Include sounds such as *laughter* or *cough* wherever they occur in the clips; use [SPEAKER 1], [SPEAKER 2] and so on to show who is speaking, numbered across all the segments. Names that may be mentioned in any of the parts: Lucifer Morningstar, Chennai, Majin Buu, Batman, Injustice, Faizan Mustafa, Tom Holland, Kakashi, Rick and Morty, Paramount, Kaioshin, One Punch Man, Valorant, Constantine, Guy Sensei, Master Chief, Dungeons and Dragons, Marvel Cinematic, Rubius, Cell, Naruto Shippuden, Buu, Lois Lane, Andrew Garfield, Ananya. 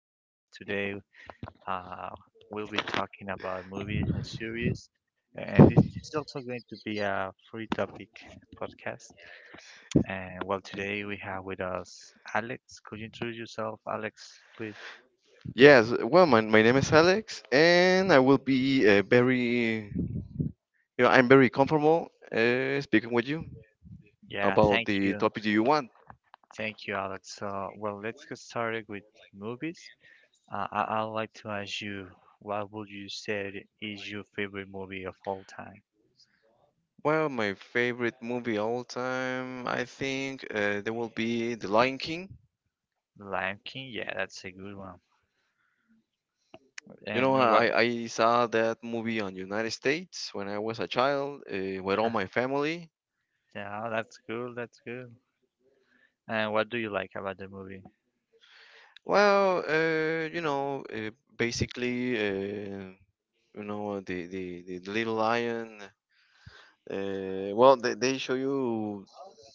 [SPEAKER 1] podcast. Today, uh, we'll be talking about movies and series, and this is also going to be a free topic podcast. And well, today we have with us Alex. Could you introduce yourself, Alex, please?
[SPEAKER 2] Yes. Well, my name is Alex, and I will be very, I'm very comfortable speaking with you
[SPEAKER 1] Yeah,
[SPEAKER 2] about
[SPEAKER 1] thank
[SPEAKER 2] the
[SPEAKER 1] you,
[SPEAKER 2] topic you want.
[SPEAKER 1] Alex. So, well, let's get started with movies. I'd like to ask you, what would you say is your favorite movie of all time?
[SPEAKER 2] Well, my favorite movie all time, I think there will be The Lion King.
[SPEAKER 1] Lion King, yeah, that's a good one.
[SPEAKER 2] You
[SPEAKER 1] And
[SPEAKER 2] know, I,
[SPEAKER 1] what?
[SPEAKER 2] I saw that movie on United States when I was a child with all
[SPEAKER 1] *laughs*
[SPEAKER 2] my family.
[SPEAKER 1] Yeah, that's cool. That's cool. And what do you like about the movie?
[SPEAKER 2] Well, basically, the little lion. Well, they show you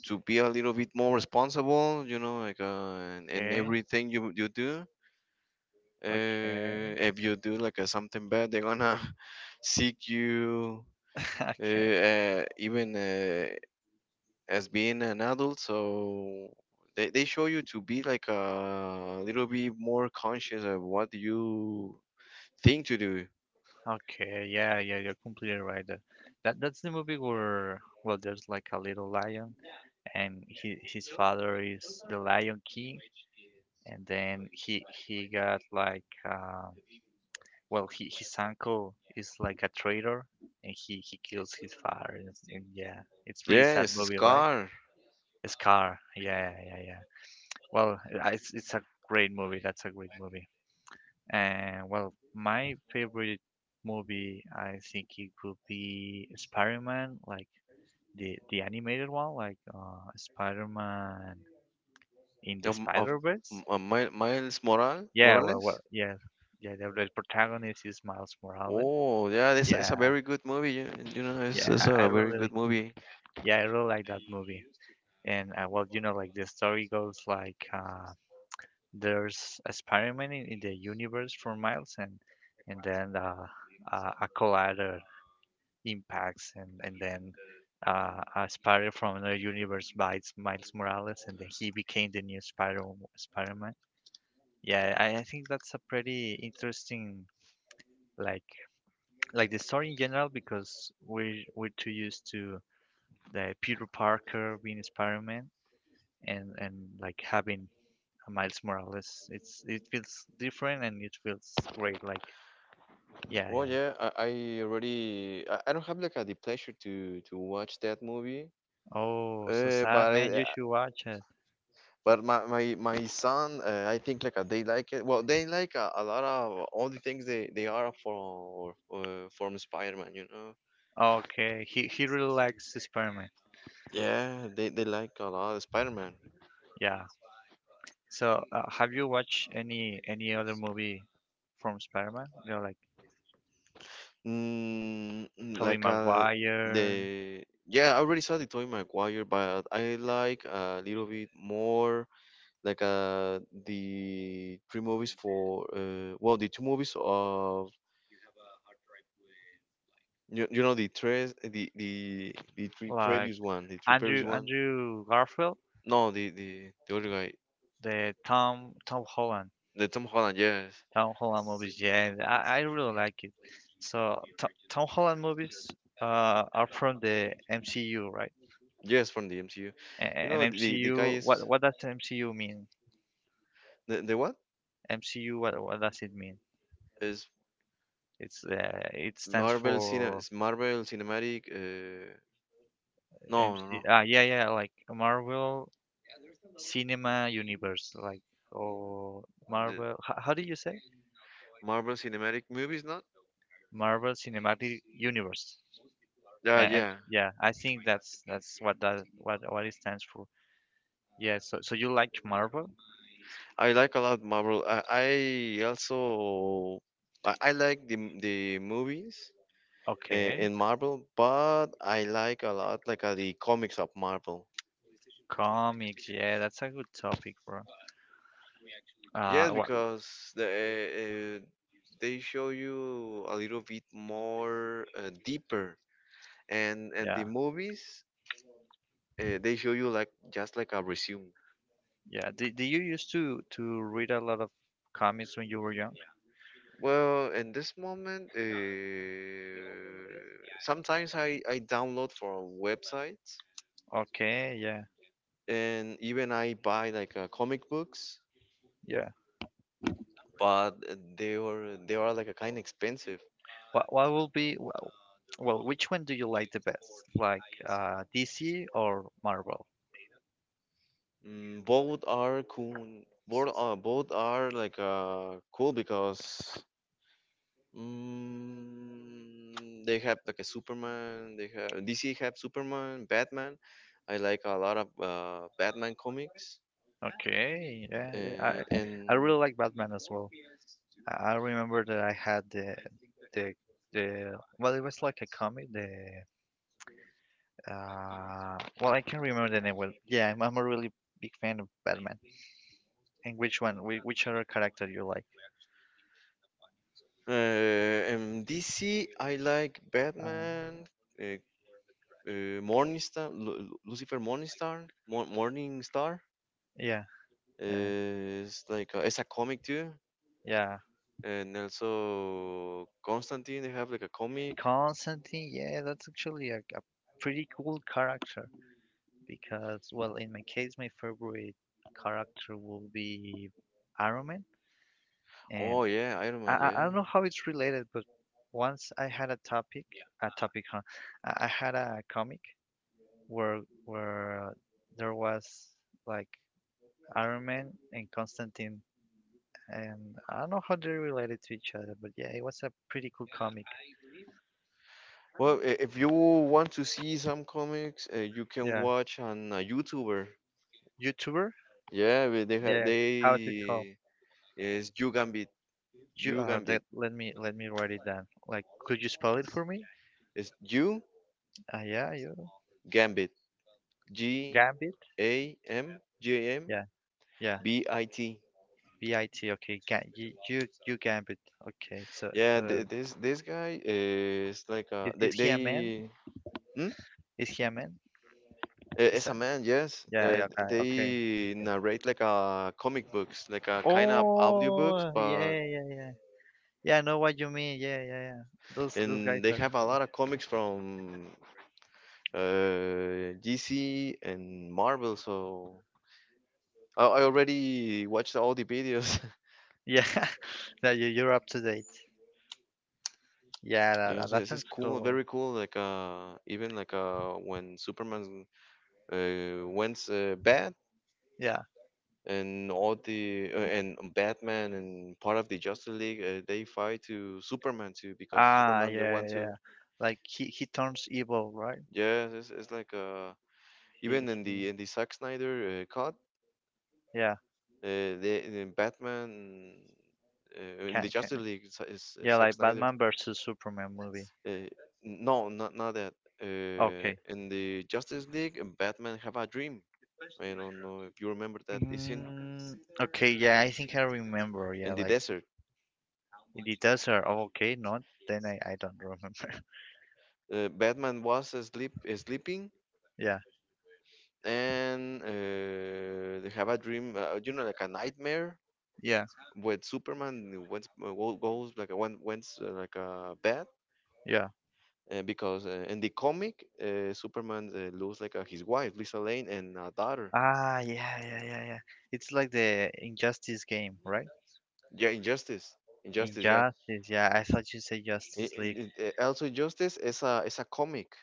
[SPEAKER 2] to be a little bit more responsible, like in
[SPEAKER 1] Okay,
[SPEAKER 2] everything you do.
[SPEAKER 1] okay,
[SPEAKER 2] If you do like something bad, they're gonna *laughs* seek you,
[SPEAKER 1] *laughs* okay,
[SPEAKER 2] even as being an adult. So they show you to be like a little bit more conscious of what you think to do.
[SPEAKER 1] okay. Yeah, yeah, you're completely right. That's the movie where, well, there's like a little lion, and he, his father is the Lion King, and then he got like uh, well, he, his uncle is like a traitor, and he kills his father. And, yeah, it's pretty sad
[SPEAKER 2] Yes,
[SPEAKER 1] movie, right?
[SPEAKER 2] Scar
[SPEAKER 1] Scar. Yeah, yeah, yeah, Well, it's a great movie. That's a great movie. And well, my favorite movie, I think it could be Spider-Man, like the animated one, like Spider-Man in the
[SPEAKER 2] of
[SPEAKER 1] Spider-Verse.
[SPEAKER 2] Miles
[SPEAKER 1] Yeah, well,
[SPEAKER 2] Morales.
[SPEAKER 1] yeah, yeah. The protagonist is Miles Morales.
[SPEAKER 2] Oh yeah, this is
[SPEAKER 1] Yeah,
[SPEAKER 2] a very good movie. It's,
[SPEAKER 1] yeah.
[SPEAKER 2] it's
[SPEAKER 1] I
[SPEAKER 2] a very
[SPEAKER 1] really,
[SPEAKER 2] good movie.
[SPEAKER 1] yeah, I really like that movie. And well, you know, like the story goes like. There's a spiral in the universe for miles, and then a collider impacts, and then a spider from another universe bites Miles Morales, and then he became the new Spiral Spider-Man. Yeah, I think that's a pretty interesting like like the story in general because we're too used to the Peter Parker being Spider-Man and like having Miles Morales. It's it feels different and it feels great. Like yeah,
[SPEAKER 2] Oh yeah, I don't have like the pleasure to watch that movie.
[SPEAKER 1] Oh, so
[SPEAKER 2] Uh,
[SPEAKER 1] sad,
[SPEAKER 2] but
[SPEAKER 1] man.
[SPEAKER 2] I,
[SPEAKER 1] You should watch it.
[SPEAKER 2] but my son, I think like they like it. Well, they like a lot of all the things they are for from Spider-Man. You know.
[SPEAKER 1] Okay, he really likes Spider-Man.
[SPEAKER 2] Yeah, they like a lot of Spider-Man.
[SPEAKER 1] Yeah. So have you watched any other movie from Spider-Man? You know, like
[SPEAKER 2] Mm, mm,
[SPEAKER 1] Tobey
[SPEAKER 2] like
[SPEAKER 1] Maguire,
[SPEAKER 2] the yeah, I already saw the Tobey Maguire, but I like a little bit more like the three movies for well, the two movies of the three
[SPEAKER 1] like
[SPEAKER 2] previous one, the three previous one
[SPEAKER 1] Andrew Garfield,
[SPEAKER 2] No, the other guy,
[SPEAKER 1] the Tom Holland
[SPEAKER 2] the Tom Holland. Yes,
[SPEAKER 1] Movies. Yeah, I really like it. So Tom Holland movies are from the MCU, right?
[SPEAKER 2] yes, from the MCU. You know, the guy
[SPEAKER 1] MCU,
[SPEAKER 2] is,
[SPEAKER 1] what does MCU mean?
[SPEAKER 2] the what
[SPEAKER 1] MCU, what does it mean?
[SPEAKER 2] is
[SPEAKER 1] It's it stands for
[SPEAKER 2] Marvel Cinematic, no,
[SPEAKER 1] MC.
[SPEAKER 2] no,
[SPEAKER 1] Ah, yeah, yeah, like Marvel Cinema Universe, like, or
[SPEAKER 2] no,
[SPEAKER 1] Marvel. How do you say?
[SPEAKER 2] Marvel Cinematic movies, not?
[SPEAKER 1] Marvel Cinematic Universe.
[SPEAKER 2] Yeah,
[SPEAKER 1] And
[SPEAKER 2] yeah.
[SPEAKER 1] yeah, I think that's what that what it stands for. Yeah. So you like Marvel?
[SPEAKER 2] I like a lot Marvel. I also I like the movies uh,
[SPEAKER 1] Okay.
[SPEAKER 2] in Marvel, but I like a lot like the comics of Marvel.
[SPEAKER 1] Comics. Yeah, that's a good topic, bro.
[SPEAKER 2] Yeah,
[SPEAKER 1] What?
[SPEAKER 2] because the uh, uh, they show you a little bit more deeper, and and
[SPEAKER 1] Yeah.
[SPEAKER 2] the movies they show you like just like a resume.
[SPEAKER 1] Yeah. Did you used to read a lot of comics when you were young?
[SPEAKER 2] Well, in this moment, sometimes I download from websites,
[SPEAKER 1] Okay. Yeah.
[SPEAKER 2] and even I buy like comic books,
[SPEAKER 1] Yeah.
[SPEAKER 2] but they are like a kind expensive.
[SPEAKER 1] What will be wh- well? Which one do you like the best? Like DC or Marvel?
[SPEAKER 2] Both are cool. Both are like cool because they have like a Superman. They have DC have Superman, Batman. I like a lot of Batman comics
[SPEAKER 1] Okay. Yeah.
[SPEAKER 2] uh,
[SPEAKER 1] I
[SPEAKER 2] and
[SPEAKER 1] really like Batman as well. I remember that I had the the well, it was like a comic. The well, I can't remember the name. Well, yeah, I'm a really big fan of Batman. And which one? Which other character you like?
[SPEAKER 2] DC, I like
[SPEAKER 1] Um,
[SPEAKER 2] Batman, uh, Morningstar, Lucifer Morningstar, Morningstar.
[SPEAKER 1] Yeah,
[SPEAKER 2] It's a comic too,
[SPEAKER 1] yeah.
[SPEAKER 2] and also Constantine. They have like a comic.
[SPEAKER 1] Constantine, yeah, that's actually a, pretty cool character because, well, in my case, my favorite character will be Iron Man, and
[SPEAKER 2] Oh yeah, Iron Man.
[SPEAKER 1] I
[SPEAKER 2] Yeah.
[SPEAKER 1] don't know how it's related, but once I had a topic, huh? I had a comic where where uh, there was like Iron Man and Constantine, and I don't know how they related to each other, but yeah, it was a pretty cool comic.
[SPEAKER 2] Well, if you want to see some comics, you can
[SPEAKER 1] Yeah,
[SPEAKER 2] watch on a YouTuber.
[SPEAKER 1] YouTuber.
[SPEAKER 2] Yeah, but
[SPEAKER 1] Yeah. How is it called?
[SPEAKER 2] they is You Gambit. You Gambit.
[SPEAKER 1] Let me write it down. Like, could you spell it for me?
[SPEAKER 2] It's You
[SPEAKER 1] Yeah, you
[SPEAKER 2] Gambit. G
[SPEAKER 1] Gambit.
[SPEAKER 2] A M J M
[SPEAKER 1] Yeah, yeah.
[SPEAKER 2] B I T.
[SPEAKER 1] BIT. Okay, Ga you, you you Gambit. Okay,
[SPEAKER 2] Yeah,
[SPEAKER 1] so
[SPEAKER 2] this guy is like a
[SPEAKER 1] is, he a man?
[SPEAKER 2] they hmm?
[SPEAKER 1] Is he a man? Is
[SPEAKER 2] It's a
[SPEAKER 1] that,
[SPEAKER 2] man, yes.
[SPEAKER 1] yeah, guy. Okay,
[SPEAKER 2] They
[SPEAKER 1] okay.
[SPEAKER 2] narrate like a comic books, like a kind of audiobooks,
[SPEAKER 1] Oh,
[SPEAKER 2] but
[SPEAKER 1] yeah, yeah, Yeah, I know what you mean. Yeah, yeah, Those guys
[SPEAKER 2] and they
[SPEAKER 1] are
[SPEAKER 2] have a
[SPEAKER 1] cool.
[SPEAKER 2] lot of comics from DC and Marvel. So I already watched all the videos. *laughs*
[SPEAKER 1] Yeah, *laughs* yeah. You're up to date. Yeah, that,
[SPEAKER 2] Yes,
[SPEAKER 1] that
[SPEAKER 2] it's
[SPEAKER 1] sounds
[SPEAKER 2] cool,
[SPEAKER 1] cool.
[SPEAKER 2] very cool. Like even like when Superman went bad,
[SPEAKER 1] Yeah.
[SPEAKER 2] and all the and Batman and part of the Justice League they fight to Superman too because
[SPEAKER 1] Ah,
[SPEAKER 2] Superman they
[SPEAKER 1] yeah,
[SPEAKER 2] want to
[SPEAKER 1] like he turns evil, right?
[SPEAKER 2] yeah, it's like even
[SPEAKER 1] He
[SPEAKER 2] in the Zack Snyder cut,
[SPEAKER 1] yeah,
[SPEAKER 2] the in Batman in the Justice
[SPEAKER 1] can
[SPEAKER 2] League is
[SPEAKER 1] yeah,
[SPEAKER 2] Zack
[SPEAKER 1] like
[SPEAKER 2] Snyder,
[SPEAKER 1] Batman versus Superman movie.
[SPEAKER 2] uh, no, not that,
[SPEAKER 1] Okay.
[SPEAKER 2] in the Justice League, Batman have a dream. I don't know if you remember that, it's in
[SPEAKER 1] Mm, okay, yeah, I think I remember. Yeah,
[SPEAKER 2] the
[SPEAKER 1] like
[SPEAKER 2] desert.
[SPEAKER 1] in the desert. Oh, okay, not then I don't remember.
[SPEAKER 2] Batman was asleep sleeping,
[SPEAKER 1] *laughs* yeah,
[SPEAKER 2] and they have a dream, like a nightmare
[SPEAKER 1] yeah,
[SPEAKER 2] with Superman went, goes like a one went like a bad.
[SPEAKER 1] yeah.
[SPEAKER 2] Because in the comic, Superman loses like his wife Lisa Lane and a daughter.
[SPEAKER 1] Ah, yeah, yeah, yeah, It's like the Injustice game, right?
[SPEAKER 2] Yeah, Injustice, Injustice. Yeah,
[SPEAKER 1] Injustice. Yeah, I thought you said Justice League.
[SPEAKER 2] also Injustice is a comic,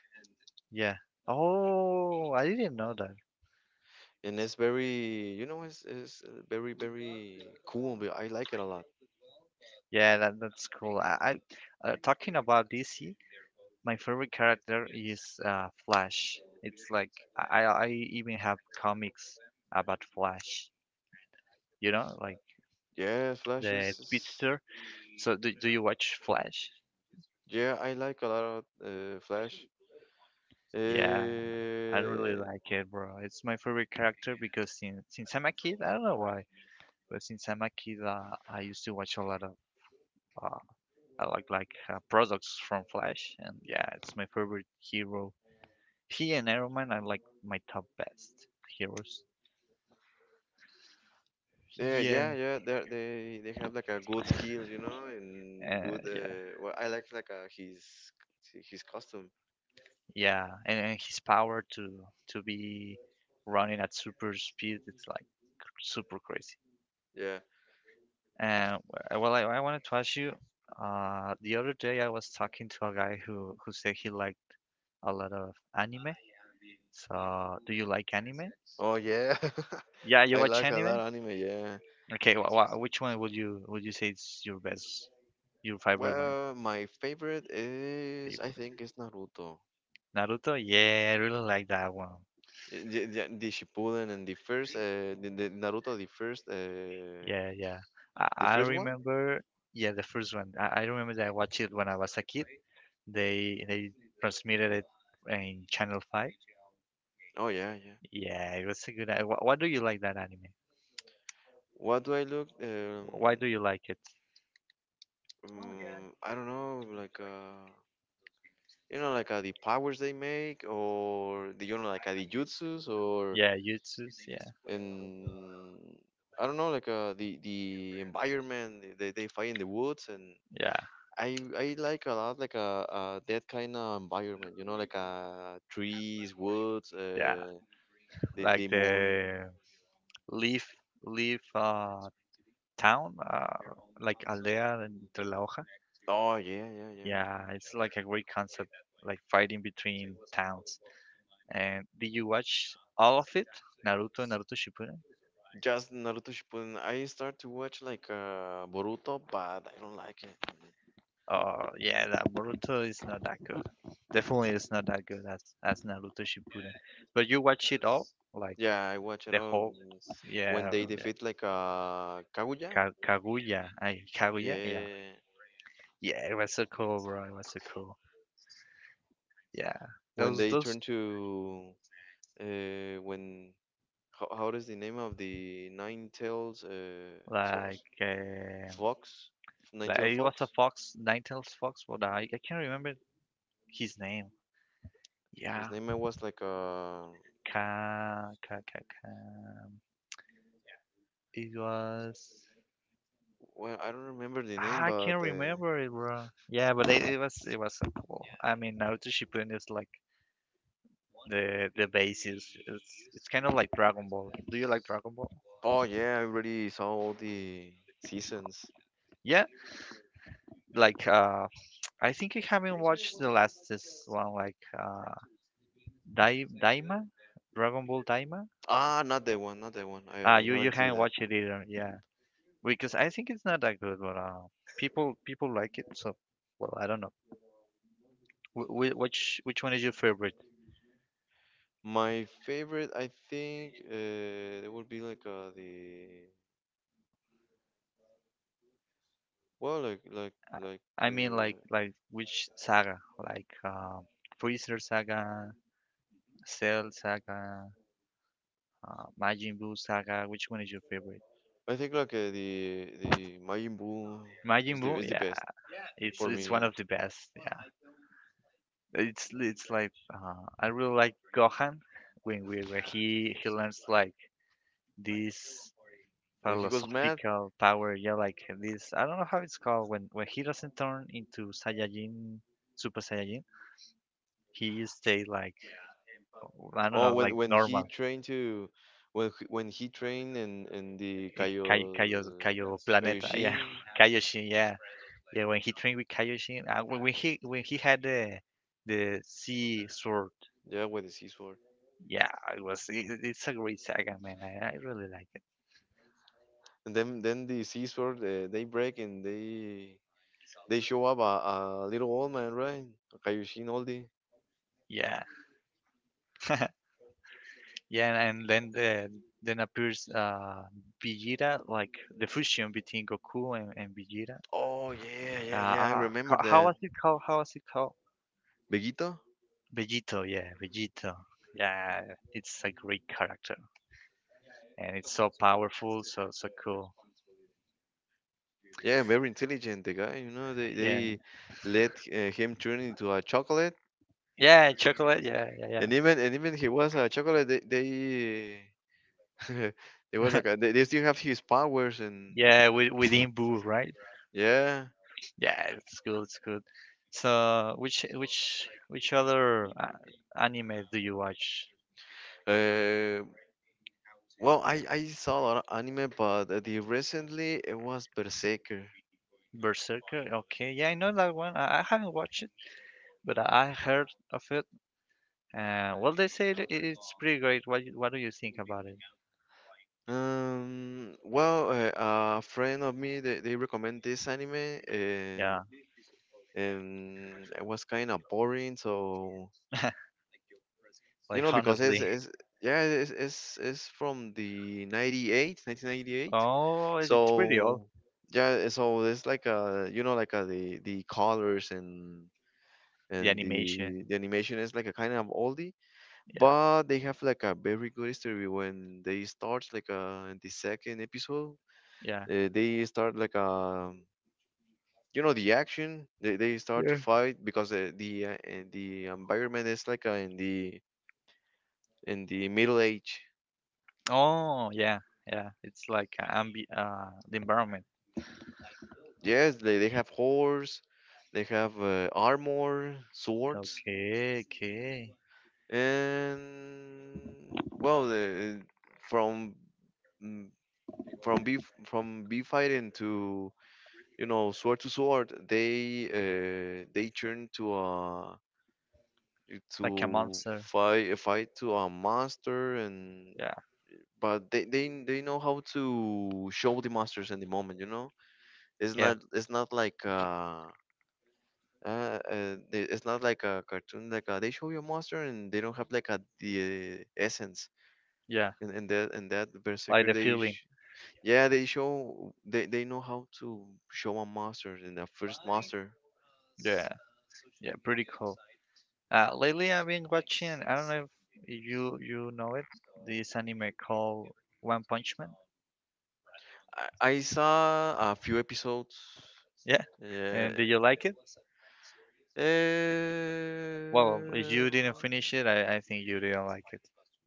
[SPEAKER 1] Yeah. Oh, I didn't know that.
[SPEAKER 2] and it's very you know it's very, very cool. But I like it a lot.
[SPEAKER 1] Yeah, that, that's cool. I talking about DC, my favorite character is Flash. It's like I even have comics about Flash. You know, like
[SPEAKER 2] Yeah, Flash
[SPEAKER 1] the
[SPEAKER 2] is
[SPEAKER 1] speedster. So do you watch Flash?
[SPEAKER 2] yeah, I like a lot of Flash.
[SPEAKER 1] Yeah, I really
[SPEAKER 2] Uh,
[SPEAKER 1] like it, bro. It's my favorite character because since I'm a kid, I don't know why, but since I'm a kid, I used to watch a lot of uh, I like products from Flash, and yeah, it's my favorite hero. He and Iron Man are like my top best heroes.
[SPEAKER 2] yeah,
[SPEAKER 1] Yeah.
[SPEAKER 2] yeah, yeah. They have like a good skills, you know, and good.
[SPEAKER 1] Yeah,
[SPEAKER 2] Well, I like his costume.
[SPEAKER 1] yeah, and his power to be running at super speed, it's like super crazy.
[SPEAKER 2] Yeah.
[SPEAKER 1] And well, I wanted to ask you. The other day I was talking to a guy who said he liked a lot of anime. So, do you like anime?
[SPEAKER 2] Oh yeah,
[SPEAKER 1] Yeah,
[SPEAKER 2] *laughs*
[SPEAKER 1] you
[SPEAKER 2] I
[SPEAKER 1] watch
[SPEAKER 2] like a lot
[SPEAKER 1] anime?
[SPEAKER 2] anime. Yeah.
[SPEAKER 1] Okay, wha wha which one would you say is your best, your favorite one?
[SPEAKER 2] Well, my favorite is, I
[SPEAKER 1] Favorite.
[SPEAKER 2] think it's Naruto.
[SPEAKER 1] Naruto? Yeah, I really like that one.
[SPEAKER 2] Yeah, the Shippuden, and the first the Naruto, the first uh
[SPEAKER 1] Yeah, yeah.
[SPEAKER 2] the
[SPEAKER 1] I
[SPEAKER 2] first one.
[SPEAKER 1] remember, yeah, the first one. I remember that I watched it when I was a kid. They transmitted it in Channel 5.
[SPEAKER 2] Oh yeah, yeah.
[SPEAKER 1] Yeah, it was a good. Why do you like that anime?
[SPEAKER 2] What do I look?
[SPEAKER 1] Why do you like it?
[SPEAKER 2] I don't know, like. You like the powers they make, or the like the jutsus, or
[SPEAKER 1] Yeah, Jutsus. Yeah,
[SPEAKER 2] and I don't know, like the environment they fight in the woods, and
[SPEAKER 1] yeah,
[SPEAKER 2] I like a lot like that kind of environment, you know, like trees, woods,
[SPEAKER 1] yeah.
[SPEAKER 2] the
[SPEAKER 1] Like
[SPEAKER 2] the
[SPEAKER 1] the
[SPEAKER 2] moon.
[SPEAKER 1] leaf leaf town, like aldea entre la hoja.
[SPEAKER 2] Oh yeah, yeah, yeah.
[SPEAKER 1] Yeah, it's like a great concept, like fighting between towns. And did you watch all of it? Naruto Shippuden?
[SPEAKER 2] Just Naruto Shippuden. I start to watch like Boruto, but I don't like it.
[SPEAKER 1] Oh, yeah, that Boruto is not that good. Definitely it's not that good as Naruto Shippuden. But you watch it all, like
[SPEAKER 2] Yeah, I watch it
[SPEAKER 1] the
[SPEAKER 2] all
[SPEAKER 1] whole,
[SPEAKER 2] when
[SPEAKER 1] yeah,
[SPEAKER 2] they
[SPEAKER 1] yeah.
[SPEAKER 2] defeat like Kaguya.
[SPEAKER 1] Kaguya. I Kaguya, yeah.
[SPEAKER 2] Yeah,
[SPEAKER 1] Yeah, it was so cool, bro. It was so cool. Yeah.
[SPEAKER 2] when
[SPEAKER 1] Those
[SPEAKER 2] they turn to when how does the name of the nine tails
[SPEAKER 1] like um,
[SPEAKER 2] fox, nine
[SPEAKER 1] like
[SPEAKER 2] tail
[SPEAKER 1] it was a
[SPEAKER 2] fox?
[SPEAKER 1] Fox Ninetales Fox, what I can't remember his name. Yeah,
[SPEAKER 2] His name was like
[SPEAKER 1] Ka Ka Ka Ka. It was.
[SPEAKER 2] well, I don't remember the name,
[SPEAKER 1] Ah, I can't
[SPEAKER 2] but
[SPEAKER 1] remember it, bro. Yeah, but it was so cool. I mean, Naruto Shippuden is like the basis. It's kind of like Dragon Ball. Do you like Dragon Ball?
[SPEAKER 2] oh yeah, I already saw all the seasons.
[SPEAKER 1] Yeah, like I think I haven't watched the last this one, like Dai Daima, Dragon Ball Daima.
[SPEAKER 2] Ah, not that one, not that one. I,
[SPEAKER 1] Ah,
[SPEAKER 2] I
[SPEAKER 1] you
[SPEAKER 2] haven't seen
[SPEAKER 1] haven't
[SPEAKER 2] that.
[SPEAKER 1] watched it either. Yeah, because I think it's not that good, but people like it. So well, I don't know. Which one is your favorite?
[SPEAKER 2] My favorite, I think, it would be like the well, like like
[SPEAKER 1] Uh,
[SPEAKER 2] like.
[SPEAKER 1] I mean, like which saga? Like Freezer saga, Cell saga, Majin Buu saga. Which one is your favorite?
[SPEAKER 2] I think like the Majin Buu
[SPEAKER 1] Majin Buu,
[SPEAKER 2] is the best
[SPEAKER 1] yeah,
[SPEAKER 2] for
[SPEAKER 1] it's one
[SPEAKER 2] me.
[SPEAKER 1] of the best. Yeah, it's like I really like Gohan when we when he learns like this
[SPEAKER 2] When he goes mad.
[SPEAKER 1] philosophical power. Yeah, like this. I don't know how it's called when he doesn't turn into Saiyajin, Super Saiyajin. He stay like, I don't
[SPEAKER 2] Oh,
[SPEAKER 1] know,
[SPEAKER 2] when
[SPEAKER 1] like
[SPEAKER 2] when he
[SPEAKER 1] normal.
[SPEAKER 2] trained to, when he trained, and the Kaio,
[SPEAKER 1] Kaio Planeta,
[SPEAKER 2] Kaioshin,
[SPEAKER 1] yeah, *laughs* Kaioshin, yeah, yeah. When he trained with Kaioshin, when he had the sea sword,
[SPEAKER 2] yeah, with the sea sword.
[SPEAKER 1] yeah, it was it's a great saga, man. I really like it.
[SPEAKER 2] And then the sea sword they break, and they show up a little old man, right? Kaioshin Oldie.
[SPEAKER 1] Yeah, *laughs* yeah, and then the then appears Vegeta, like the fusion between Goku and, Vegeta.
[SPEAKER 2] Oh yeah, yeah, yeah. I remember
[SPEAKER 1] How
[SPEAKER 2] that.
[SPEAKER 1] was it called? How was it called?
[SPEAKER 2] Vegito.
[SPEAKER 1] Vegito. Yeah, it's a great character, and it's so powerful, so cool.
[SPEAKER 2] Yeah, very intelligent. The guy, you know, they
[SPEAKER 1] Yeah,
[SPEAKER 2] they let him turn into a chocolate.
[SPEAKER 1] yeah, chocolate. Yeah, yeah, yeah,
[SPEAKER 2] And even he was a chocolate. They *laughs* they was like they still have his powers and
[SPEAKER 1] yeah. With within Boo, *laughs* right?
[SPEAKER 2] yeah.
[SPEAKER 1] Yeah, it's good. It's good. So which other anime do you watch?
[SPEAKER 2] Uh, well, I saw a lot of anime, but the recently it was Berserker.
[SPEAKER 1] Berserker. Okay, yeah, I know that one. I haven't watched it, but I heard of it. Well, they say it's pretty great. What do you think about it?
[SPEAKER 2] Well, a friend of me they recommend this anime,
[SPEAKER 1] Yeah,
[SPEAKER 2] and it was kind of boring. So,
[SPEAKER 1] *laughs* like
[SPEAKER 2] because
[SPEAKER 1] honestly.
[SPEAKER 2] it's yeah, it's from the 98, 1998.
[SPEAKER 1] Oh, it's pretty old.
[SPEAKER 2] So yeah, so it's like a, like a, the colors, and
[SPEAKER 1] The
[SPEAKER 2] and the
[SPEAKER 1] animation.
[SPEAKER 2] the animation is like a kind of oldie, but they have like a very good history when they start like in the second episode,
[SPEAKER 1] Yeah,
[SPEAKER 2] they start like the action, they start to
[SPEAKER 1] yeah.
[SPEAKER 2] fight because the environment is like in the middle age.
[SPEAKER 1] Oh, yeah, yeah. It's like a ambi the environment.
[SPEAKER 2] Yes, they have horse, they have armor, swords.
[SPEAKER 1] Okay,
[SPEAKER 2] And well, from mm, from B fighting to, sword to sword, they turn to a,
[SPEAKER 1] Like a
[SPEAKER 2] to
[SPEAKER 1] monster.
[SPEAKER 2] fight a, fight to a master and
[SPEAKER 1] Yeah,
[SPEAKER 2] but they know how to show the masters in the moment, you know,
[SPEAKER 1] yeah,
[SPEAKER 2] it's not like uh, it's not like a cartoon, like they show you a monster, and they don't have like a the essence,
[SPEAKER 1] yeah.
[SPEAKER 2] and that
[SPEAKER 1] Like
[SPEAKER 2] berserker,
[SPEAKER 1] the feeling.
[SPEAKER 2] yeah, they show, they know how to show a master in the first master.
[SPEAKER 1] Yeah, yeah. Pretty cool. Lately I've been watching. I don't know if you know it. This anime called One Punch Man.
[SPEAKER 2] I saw a few episodes.
[SPEAKER 1] Yeah.
[SPEAKER 2] Yeah.
[SPEAKER 1] And did you like it? Well, if
[SPEAKER 2] eh,
[SPEAKER 1] you didn't finish it, I think you didn't like it.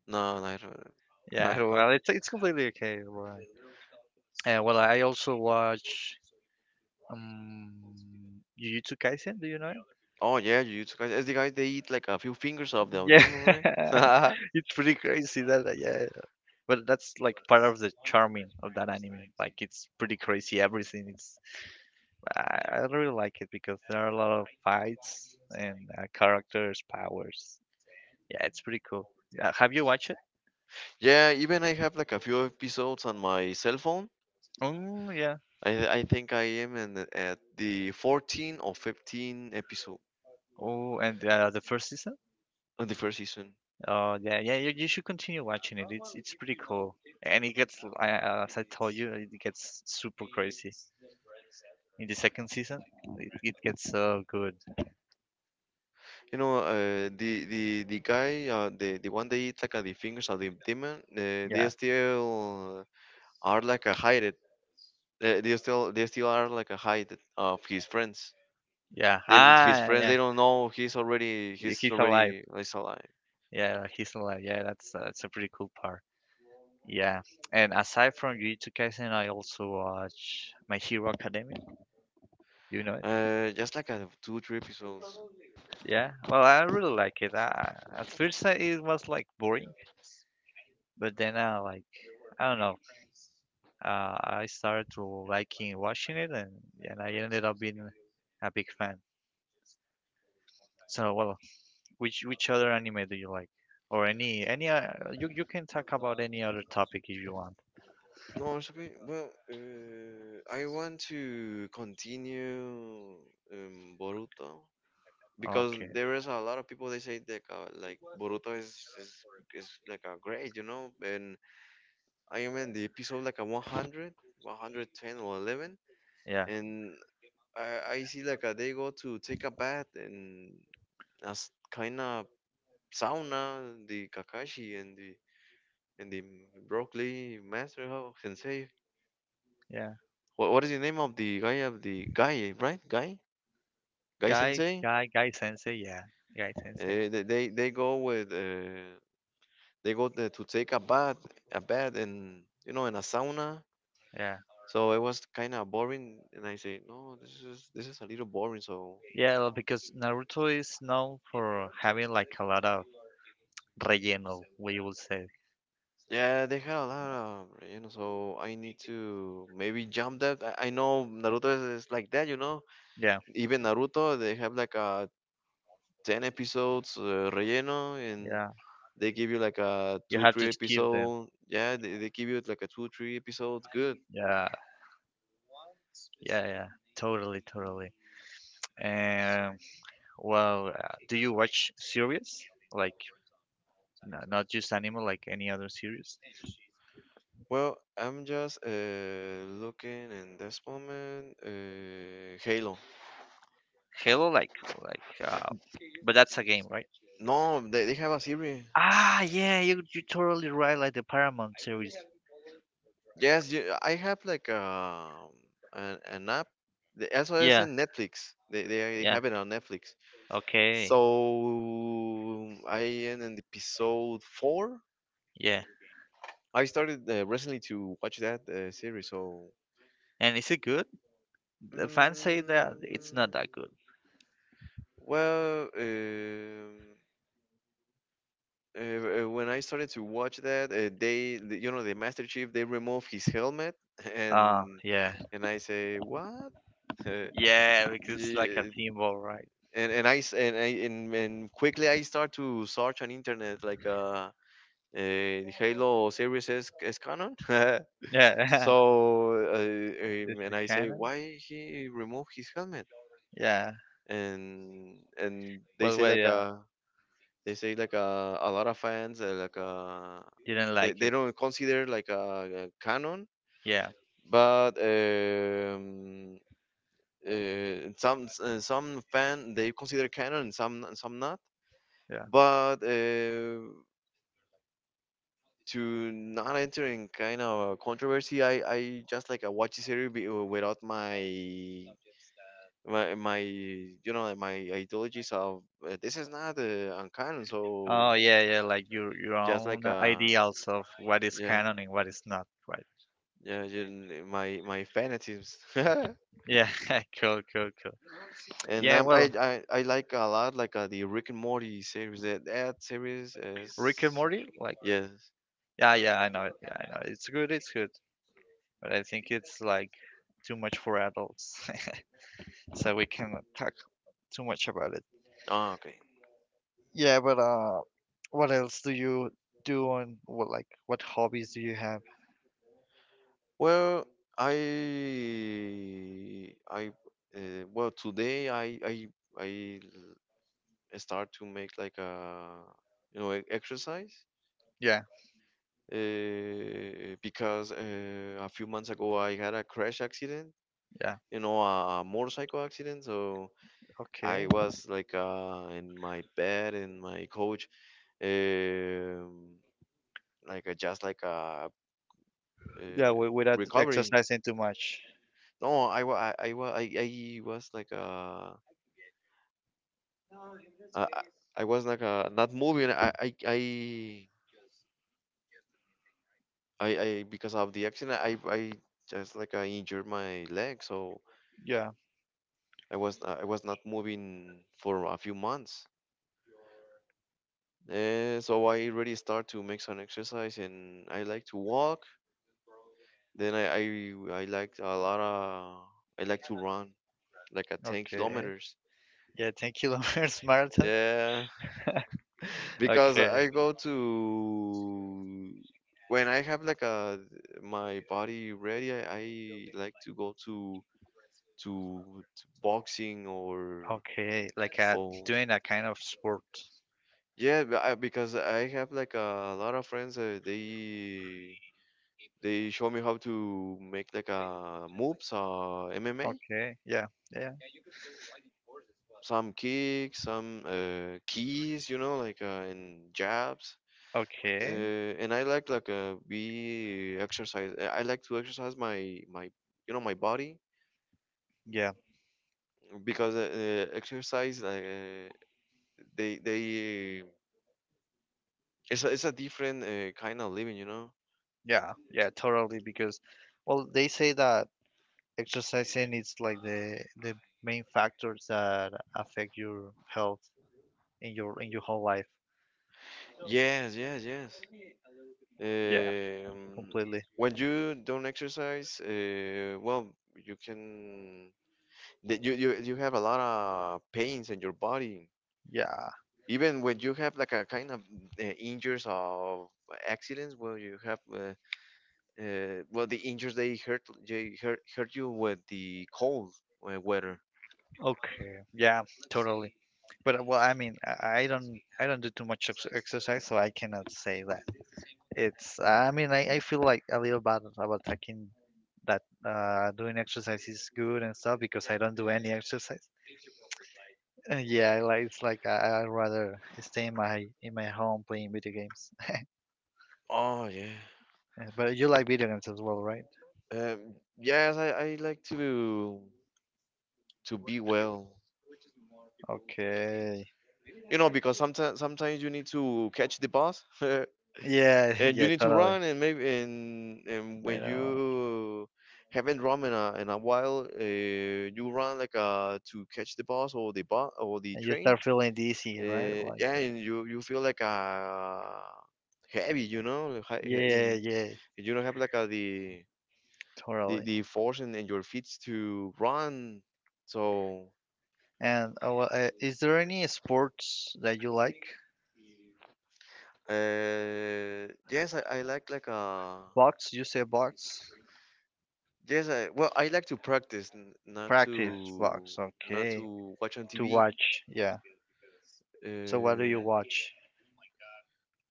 [SPEAKER 2] no, no, I don't. *laughs* I
[SPEAKER 1] Yeah,
[SPEAKER 2] don't.
[SPEAKER 1] well, it's completely okay. Well, well, I also watch um, Jujutsu Kaisen. Do you know it?
[SPEAKER 2] Oh yeah, Jujutsu guys. As the guys, they eat like a few fingers of the
[SPEAKER 1] Yeah,
[SPEAKER 2] demon,
[SPEAKER 1] *laughs*
[SPEAKER 2] right? *laughs*
[SPEAKER 1] it's pretty crazy that yeah, but that's like part of the charming of that anime. Like it's pretty crazy. Everything. I really like it because there are a lot of fights and characters, powers. Yeah, it's pretty cool. Have you watched it?
[SPEAKER 2] Yeah. Even I have like a few episodes on my cell phone.
[SPEAKER 1] Oh yeah.
[SPEAKER 2] I think I am in, at the 14 or 15 episode
[SPEAKER 1] Oh, and the first season?
[SPEAKER 2] on the first season.
[SPEAKER 1] Oh yeah, yeah. You should continue watching it. It's pretty cool, and it gets as I told you, it gets super crazy in the second season. It gets so good.
[SPEAKER 2] You know, the guy, the one that eat like the fingers of the demon, they
[SPEAKER 1] Yeah,
[SPEAKER 2] still are like a hide it. They still are like a hide of his friends.
[SPEAKER 1] yeah.
[SPEAKER 2] They don't, his
[SPEAKER 1] Ah,
[SPEAKER 2] friends,
[SPEAKER 1] yeah.
[SPEAKER 2] they don't know he's already he's
[SPEAKER 1] He's alive.
[SPEAKER 2] already like, he's alive.
[SPEAKER 1] Yeah, he's alive. Yeah, that's a pretty cool part. Yeah, and aside from Jujutsu Kaisen, I also watch My Hero Academia. You know it?
[SPEAKER 2] Just like two three episodes.
[SPEAKER 1] Yeah. Well, I really like it. At first, it was like boring, but then I like. I don't know. I started to liking watching it, and I ended up being a big fan. So, well, which other anime do you like, or any? You can talk about any other topic if you want.
[SPEAKER 2] No, it's okay. Well, I want to continue Boruto. Because
[SPEAKER 1] Okay.
[SPEAKER 2] there is a lot of people they say that like Boruto is like a great, and I am in the episode like a 100, 110 or 11,
[SPEAKER 1] Yeah.
[SPEAKER 2] and I see like they go to take a bath and as kind of sauna, the Kakashi and the Broccoli master how sensei.
[SPEAKER 1] Yeah.
[SPEAKER 2] What is the name of the guy right guy guy
[SPEAKER 1] Guy.
[SPEAKER 2] sensei?
[SPEAKER 1] Guy. Guy Sensei. Yeah. Guy
[SPEAKER 2] uh,
[SPEAKER 1] Sensei.
[SPEAKER 2] they go with they go there to take a bath, and in a sauna.
[SPEAKER 1] Yeah.
[SPEAKER 2] So it was kind of boring, and I say, no, this is a little boring. So
[SPEAKER 1] Yeah, well, because Naruto is known for having like a lot of relleno, we will say.
[SPEAKER 2] yeah, they had a lot of. So I need to maybe jump that. I know Naruto is like that.
[SPEAKER 1] Yeah.
[SPEAKER 2] Even Naruto, they have like a 10 episodes relleno, and
[SPEAKER 1] Yeah.
[SPEAKER 2] they give you like a
[SPEAKER 1] You
[SPEAKER 2] two
[SPEAKER 1] have to
[SPEAKER 2] three
[SPEAKER 1] skip them.
[SPEAKER 2] episode. Yeah, they give you like a two three episodes. Good.
[SPEAKER 1] Yeah, yeah, yeah. Totally, totally. And well, do you watch series? Like not just anime, like any other series?
[SPEAKER 2] Well, I'm just looking in this moment. Halo.
[SPEAKER 1] Halo, like like, uh, but that's a game, right?
[SPEAKER 2] No, they have a series.
[SPEAKER 1] Ah, yeah, you totally right. Like the Paramount series.
[SPEAKER 2] Yes, you, I have like an app. Also, it's
[SPEAKER 1] Yeah,
[SPEAKER 2] in Netflix. They
[SPEAKER 1] yeah.
[SPEAKER 2] have it on Netflix.
[SPEAKER 1] Okay,
[SPEAKER 2] So I am in episode four.
[SPEAKER 1] yeah.
[SPEAKER 2] I started recently to watch that series. So,
[SPEAKER 1] And is it good? The fans say that it's not
[SPEAKER 2] mm,
[SPEAKER 1] that good.
[SPEAKER 2] well, um, uh, when I started to watch that, the Master Chief, they remove his helmet, *laughs*
[SPEAKER 1] Ah,
[SPEAKER 2] and
[SPEAKER 1] yeah,
[SPEAKER 2] I say, what? *laughs* Uh,
[SPEAKER 1] yeah, because it's like a
[SPEAKER 2] y-
[SPEAKER 1] symbol, right?
[SPEAKER 2] and quickly I start to search on internet like Halo series S canon. *laughs*
[SPEAKER 1] Yeah,
[SPEAKER 2] So
[SPEAKER 1] *laughs* this
[SPEAKER 2] and
[SPEAKER 1] is
[SPEAKER 2] I say,
[SPEAKER 1] kind.
[SPEAKER 2] why he remove his helmet?
[SPEAKER 1] Yeah.
[SPEAKER 2] And
[SPEAKER 1] Well, well, yeah.
[SPEAKER 2] they say like a lot of fans
[SPEAKER 1] Didn't
[SPEAKER 2] they
[SPEAKER 1] like
[SPEAKER 2] they
[SPEAKER 1] it.
[SPEAKER 2] don't consider like a canon,
[SPEAKER 1] Yeah.
[SPEAKER 2] but some fan they consider canon and some some not.
[SPEAKER 1] Yeah.
[SPEAKER 2] But to not enter in kind of a controversy, I just like I watch the series without my my ideologies of this is not uncanon. So
[SPEAKER 1] Oh, yeah, yeah. Like your
[SPEAKER 2] just
[SPEAKER 1] own
[SPEAKER 2] like
[SPEAKER 1] ideals of what is
[SPEAKER 2] yeah.
[SPEAKER 1] canon and what is not, right?
[SPEAKER 2] Yeah, you, my fanatisms.
[SPEAKER 1] Yeah. *laughs* Cool, cool, cool.
[SPEAKER 2] *laughs* And
[SPEAKER 1] Yeah.
[SPEAKER 2] I
[SPEAKER 1] Well,
[SPEAKER 2] I I like a lot like the Rick and Morty series. That series
[SPEAKER 1] Rick and
[SPEAKER 2] is
[SPEAKER 1] Morty. Like,
[SPEAKER 2] yes.
[SPEAKER 1] yeah, yeah. I know it. Yeah, I know it. It's good. It's good, but I think it's like too much for adults, *laughs* so we cannot talk too much about it.
[SPEAKER 2] Oh, okay.
[SPEAKER 1] Yeah, but what else do you do on what like what hobbies do you have?
[SPEAKER 2] Well, I I well today I l- start to make like a exercise,
[SPEAKER 1] Yeah.
[SPEAKER 2] because a few months ago I had a crash accident.
[SPEAKER 1] Yeah.
[SPEAKER 2] You know, a motorcycle accident. So I
[SPEAKER 1] Okay.
[SPEAKER 2] was like in my bed, and my coach, um, like just like
[SPEAKER 1] Yeah,
[SPEAKER 2] uh,
[SPEAKER 1] without
[SPEAKER 2] recovering.
[SPEAKER 1] exercising too much.
[SPEAKER 2] No, I was like I, I I was like not moving. I because of the accident, I just like I injured my leg, so
[SPEAKER 1] Yeah.
[SPEAKER 2] I was not moving for a few months. So I really start to make some exercise, and I like to walk. Then I like a lot of I like to run like at 10
[SPEAKER 1] Okay.
[SPEAKER 2] kilometers.
[SPEAKER 1] Yeah, 10 kilometers marathon. *laughs*
[SPEAKER 2] Yeah, because
[SPEAKER 1] Okay.
[SPEAKER 2] I go to when I have like a my body ready, I like to go to, to boxing or
[SPEAKER 1] Okay. Like
[SPEAKER 2] or
[SPEAKER 1] doing a kind of sport.
[SPEAKER 2] yeah, because I have like a lot of friends. They show me how to make like a moves or MMA.
[SPEAKER 1] Okay. Yeah. Yeah.
[SPEAKER 2] Some kicks, some keys, like and jabs. Uh,
[SPEAKER 1] Okay.
[SPEAKER 2] and I like be exercise. I like to exercise my my my body,
[SPEAKER 1] Yeah.
[SPEAKER 2] because exercise like they it's a different kind of living.
[SPEAKER 1] Yeah. Yeah. Totally. Because, well, they say that exercising is like the main factors that affect your health in your whole life.
[SPEAKER 2] Yes, yes, yes.
[SPEAKER 1] Yeah.
[SPEAKER 2] Um,
[SPEAKER 1] Completely.
[SPEAKER 2] when you don't exercise, well, you can that you have a lot of pains in your body.
[SPEAKER 1] Yeah.
[SPEAKER 2] Even when you have like a kind of injuries of accidents, well, you have well the injuries they hurt you with the cold weather.
[SPEAKER 1] Okay. Yeah, totally. But well, I mean, I don't do too much exercise, so I cannot say that it's. I mean, I feel like a little bad about thinking that doing exercise is good and stuff because I don't do any exercise. *laughs* Yeah, I like it's like I'd rather stay in my home playing video games. *laughs*
[SPEAKER 2] Oh yeah,
[SPEAKER 1] But you like video games as well, right?
[SPEAKER 2] yes, I like to be well.
[SPEAKER 1] Okay.
[SPEAKER 2] Because sometimes you need to catch the bus, *laughs* and
[SPEAKER 1] Yeah, *laughs*
[SPEAKER 2] you
[SPEAKER 1] yeah,
[SPEAKER 2] need to
[SPEAKER 1] totally.
[SPEAKER 2] run, and maybe and when
[SPEAKER 1] Made a lot.
[SPEAKER 2] you haven't run in a while. You run like to catch the bus or the
[SPEAKER 1] And you
[SPEAKER 2] train.
[SPEAKER 1] start feeling dizzy, right? Like,
[SPEAKER 2] Yeah, and you feel like heavy, in
[SPEAKER 1] yeah, yeah,
[SPEAKER 2] and you don't have like the the
[SPEAKER 1] totally.
[SPEAKER 2] the force in your feet to run. So
[SPEAKER 1] And is there any sports that you like?
[SPEAKER 2] yes, I like
[SPEAKER 1] Box? You say box?
[SPEAKER 2] yes, I well, I like to practice, not
[SPEAKER 1] Practice
[SPEAKER 2] to
[SPEAKER 1] box. Okay.
[SPEAKER 2] watch on
[SPEAKER 1] To
[SPEAKER 2] TV.
[SPEAKER 1] watch. Yeah. So what do
[SPEAKER 2] Uh,
[SPEAKER 1] you watch?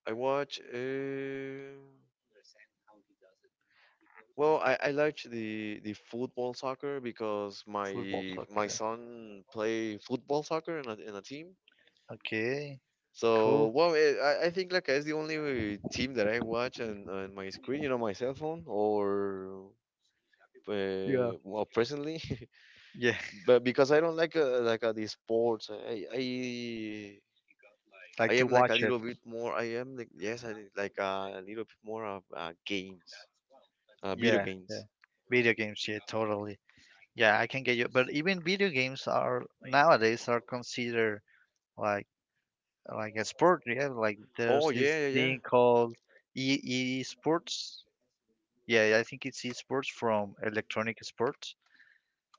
[SPEAKER 2] I watch. Well, I like the football soccer because
[SPEAKER 1] Football,
[SPEAKER 2] my
[SPEAKER 1] soccer.
[SPEAKER 2] son play football soccer in a team.
[SPEAKER 1] Okay.
[SPEAKER 2] So
[SPEAKER 1] Cool.
[SPEAKER 2] well, I think like it's the only team that I watch on my screen, my cell phone or
[SPEAKER 1] Yeah.
[SPEAKER 2] well presently, *laughs*
[SPEAKER 1] Yeah. *laughs*
[SPEAKER 2] but because I don't like the sports. I
[SPEAKER 1] Like to
[SPEAKER 2] am like a
[SPEAKER 1] watch it.
[SPEAKER 2] little bit more. I am like yes. I like a little bit more of games, video
[SPEAKER 1] Yeah, yeah.
[SPEAKER 2] games.
[SPEAKER 1] Video games, yeah, totally. Yeah, I can get you. But even video games are nowadays are considered like like a sport. Yeah, like there's
[SPEAKER 2] Oh
[SPEAKER 1] this
[SPEAKER 2] yeah, yeah, yeah.
[SPEAKER 1] thing called e esports. Yeah, I think it's esports from Electronic Sports,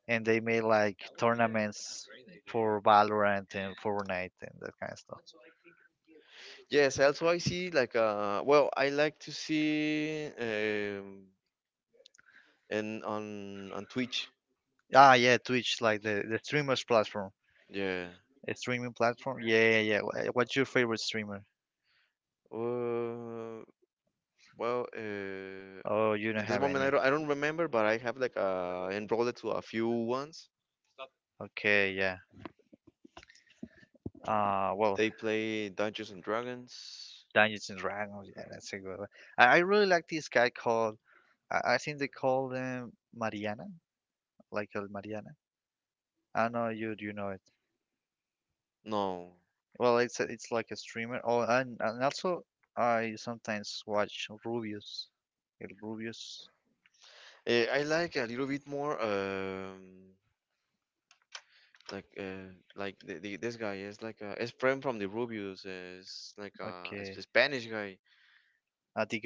[SPEAKER 1] and they made like tournaments for Valorant and Fortnite and that kind of stuff.
[SPEAKER 2] Yes, also I see like I like to see and on Twitch.
[SPEAKER 1] Ah, yeah, Twitch, like the streamers platform,
[SPEAKER 2] Yeah.
[SPEAKER 1] a streaming platform. Yeah, yeah, yeah. What's your favorite streamer?
[SPEAKER 2] Uh, well
[SPEAKER 1] Oh, you don't
[SPEAKER 2] in this
[SPEAKER 1] have
[SPEAKER 2] moment
[SPEAKER 1] any.
[SPEAKER 2] I don't remember, but I have like enrolled to a few ones.
[SPEAKER 1] Okay, yeah. Well,
[SPEAKER 2] They play Dungeons and Dragons.
[SPEAKER 1] Dungeons and Dragons. Yeah, that's a good one. I really like this guy called I think they call them Mariana, like El Mariana. I don't know you do you know it.
[SPEAKER 2] No.
[SPEAKER 1] Well, it's a, it's like a streamer. Oh, and also I sometimes watch Rubius. El Rubius.
[SPEAKER 2] I like a little bit more this guy is like his friend from the Rubius is like it's a
[SPEAKER 1] Okay.
[SPEAKER 2] Spanish guy.
[SPEAKER 1] The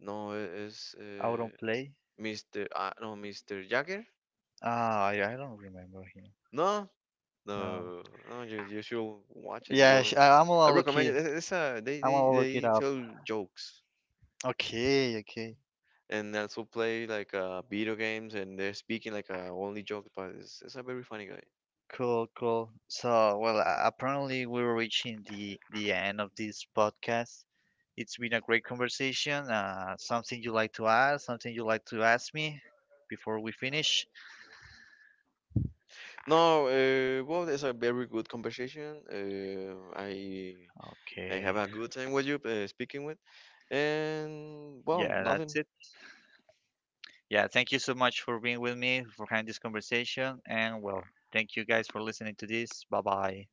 [SPEAKER 2] No, it is.
[SPEAKER 1] not play.
[SPEAKER 2] Mr. Mr. Jagger?
[SPEAKER 1] Ah, I don't remember him.
[SPEAKER 2] No,
[SPEAKER 1] No.
[SPEAKER 2] no, no. You should watch it.
[SPEAKER 1] Yeah,
[SPEAKER 2] Well,
[SPEAKER 1] I, I'm
[SPEAKER 2] I
[SPEAKER 1] gonna look
[SPEAKER 2] recommend it.
[SPEAKER 1] it.
[SPEAKER 2] It's
[SPEAKER 1] I'm
[SPEAKER 2] they
[SPEAKER 1] gonna look it
[SPEAKER 2] they
[SPEAKER 1] up.
[SPEAKER 2] tell jokes
[SPEAKER 1] Okay, okay.
[SPEAKER 2] and also play like video games, and they're speaking like only jokes. But it's a very funny guy.
[SPEAKER 1] Cool, cool. So, well, apparently we're reaching the end of this podcast. It's been a great conversation. Something you like to add? Something you like to ask me before we finish?
[SPEAKER 2] No, well, it's a very good conversation. I have
[SPEAKER 1] Okay.
[SPEAKER 2] a good time with you speaking with, and well,
[SPEAKER 1] Yeah, that's
[SPEAKER 2] nothing.
[SPEAKER 1] it. Yeah, thank you so much for being with me, for having this conversation, and well, thank you guys for listening to this. Bye bye.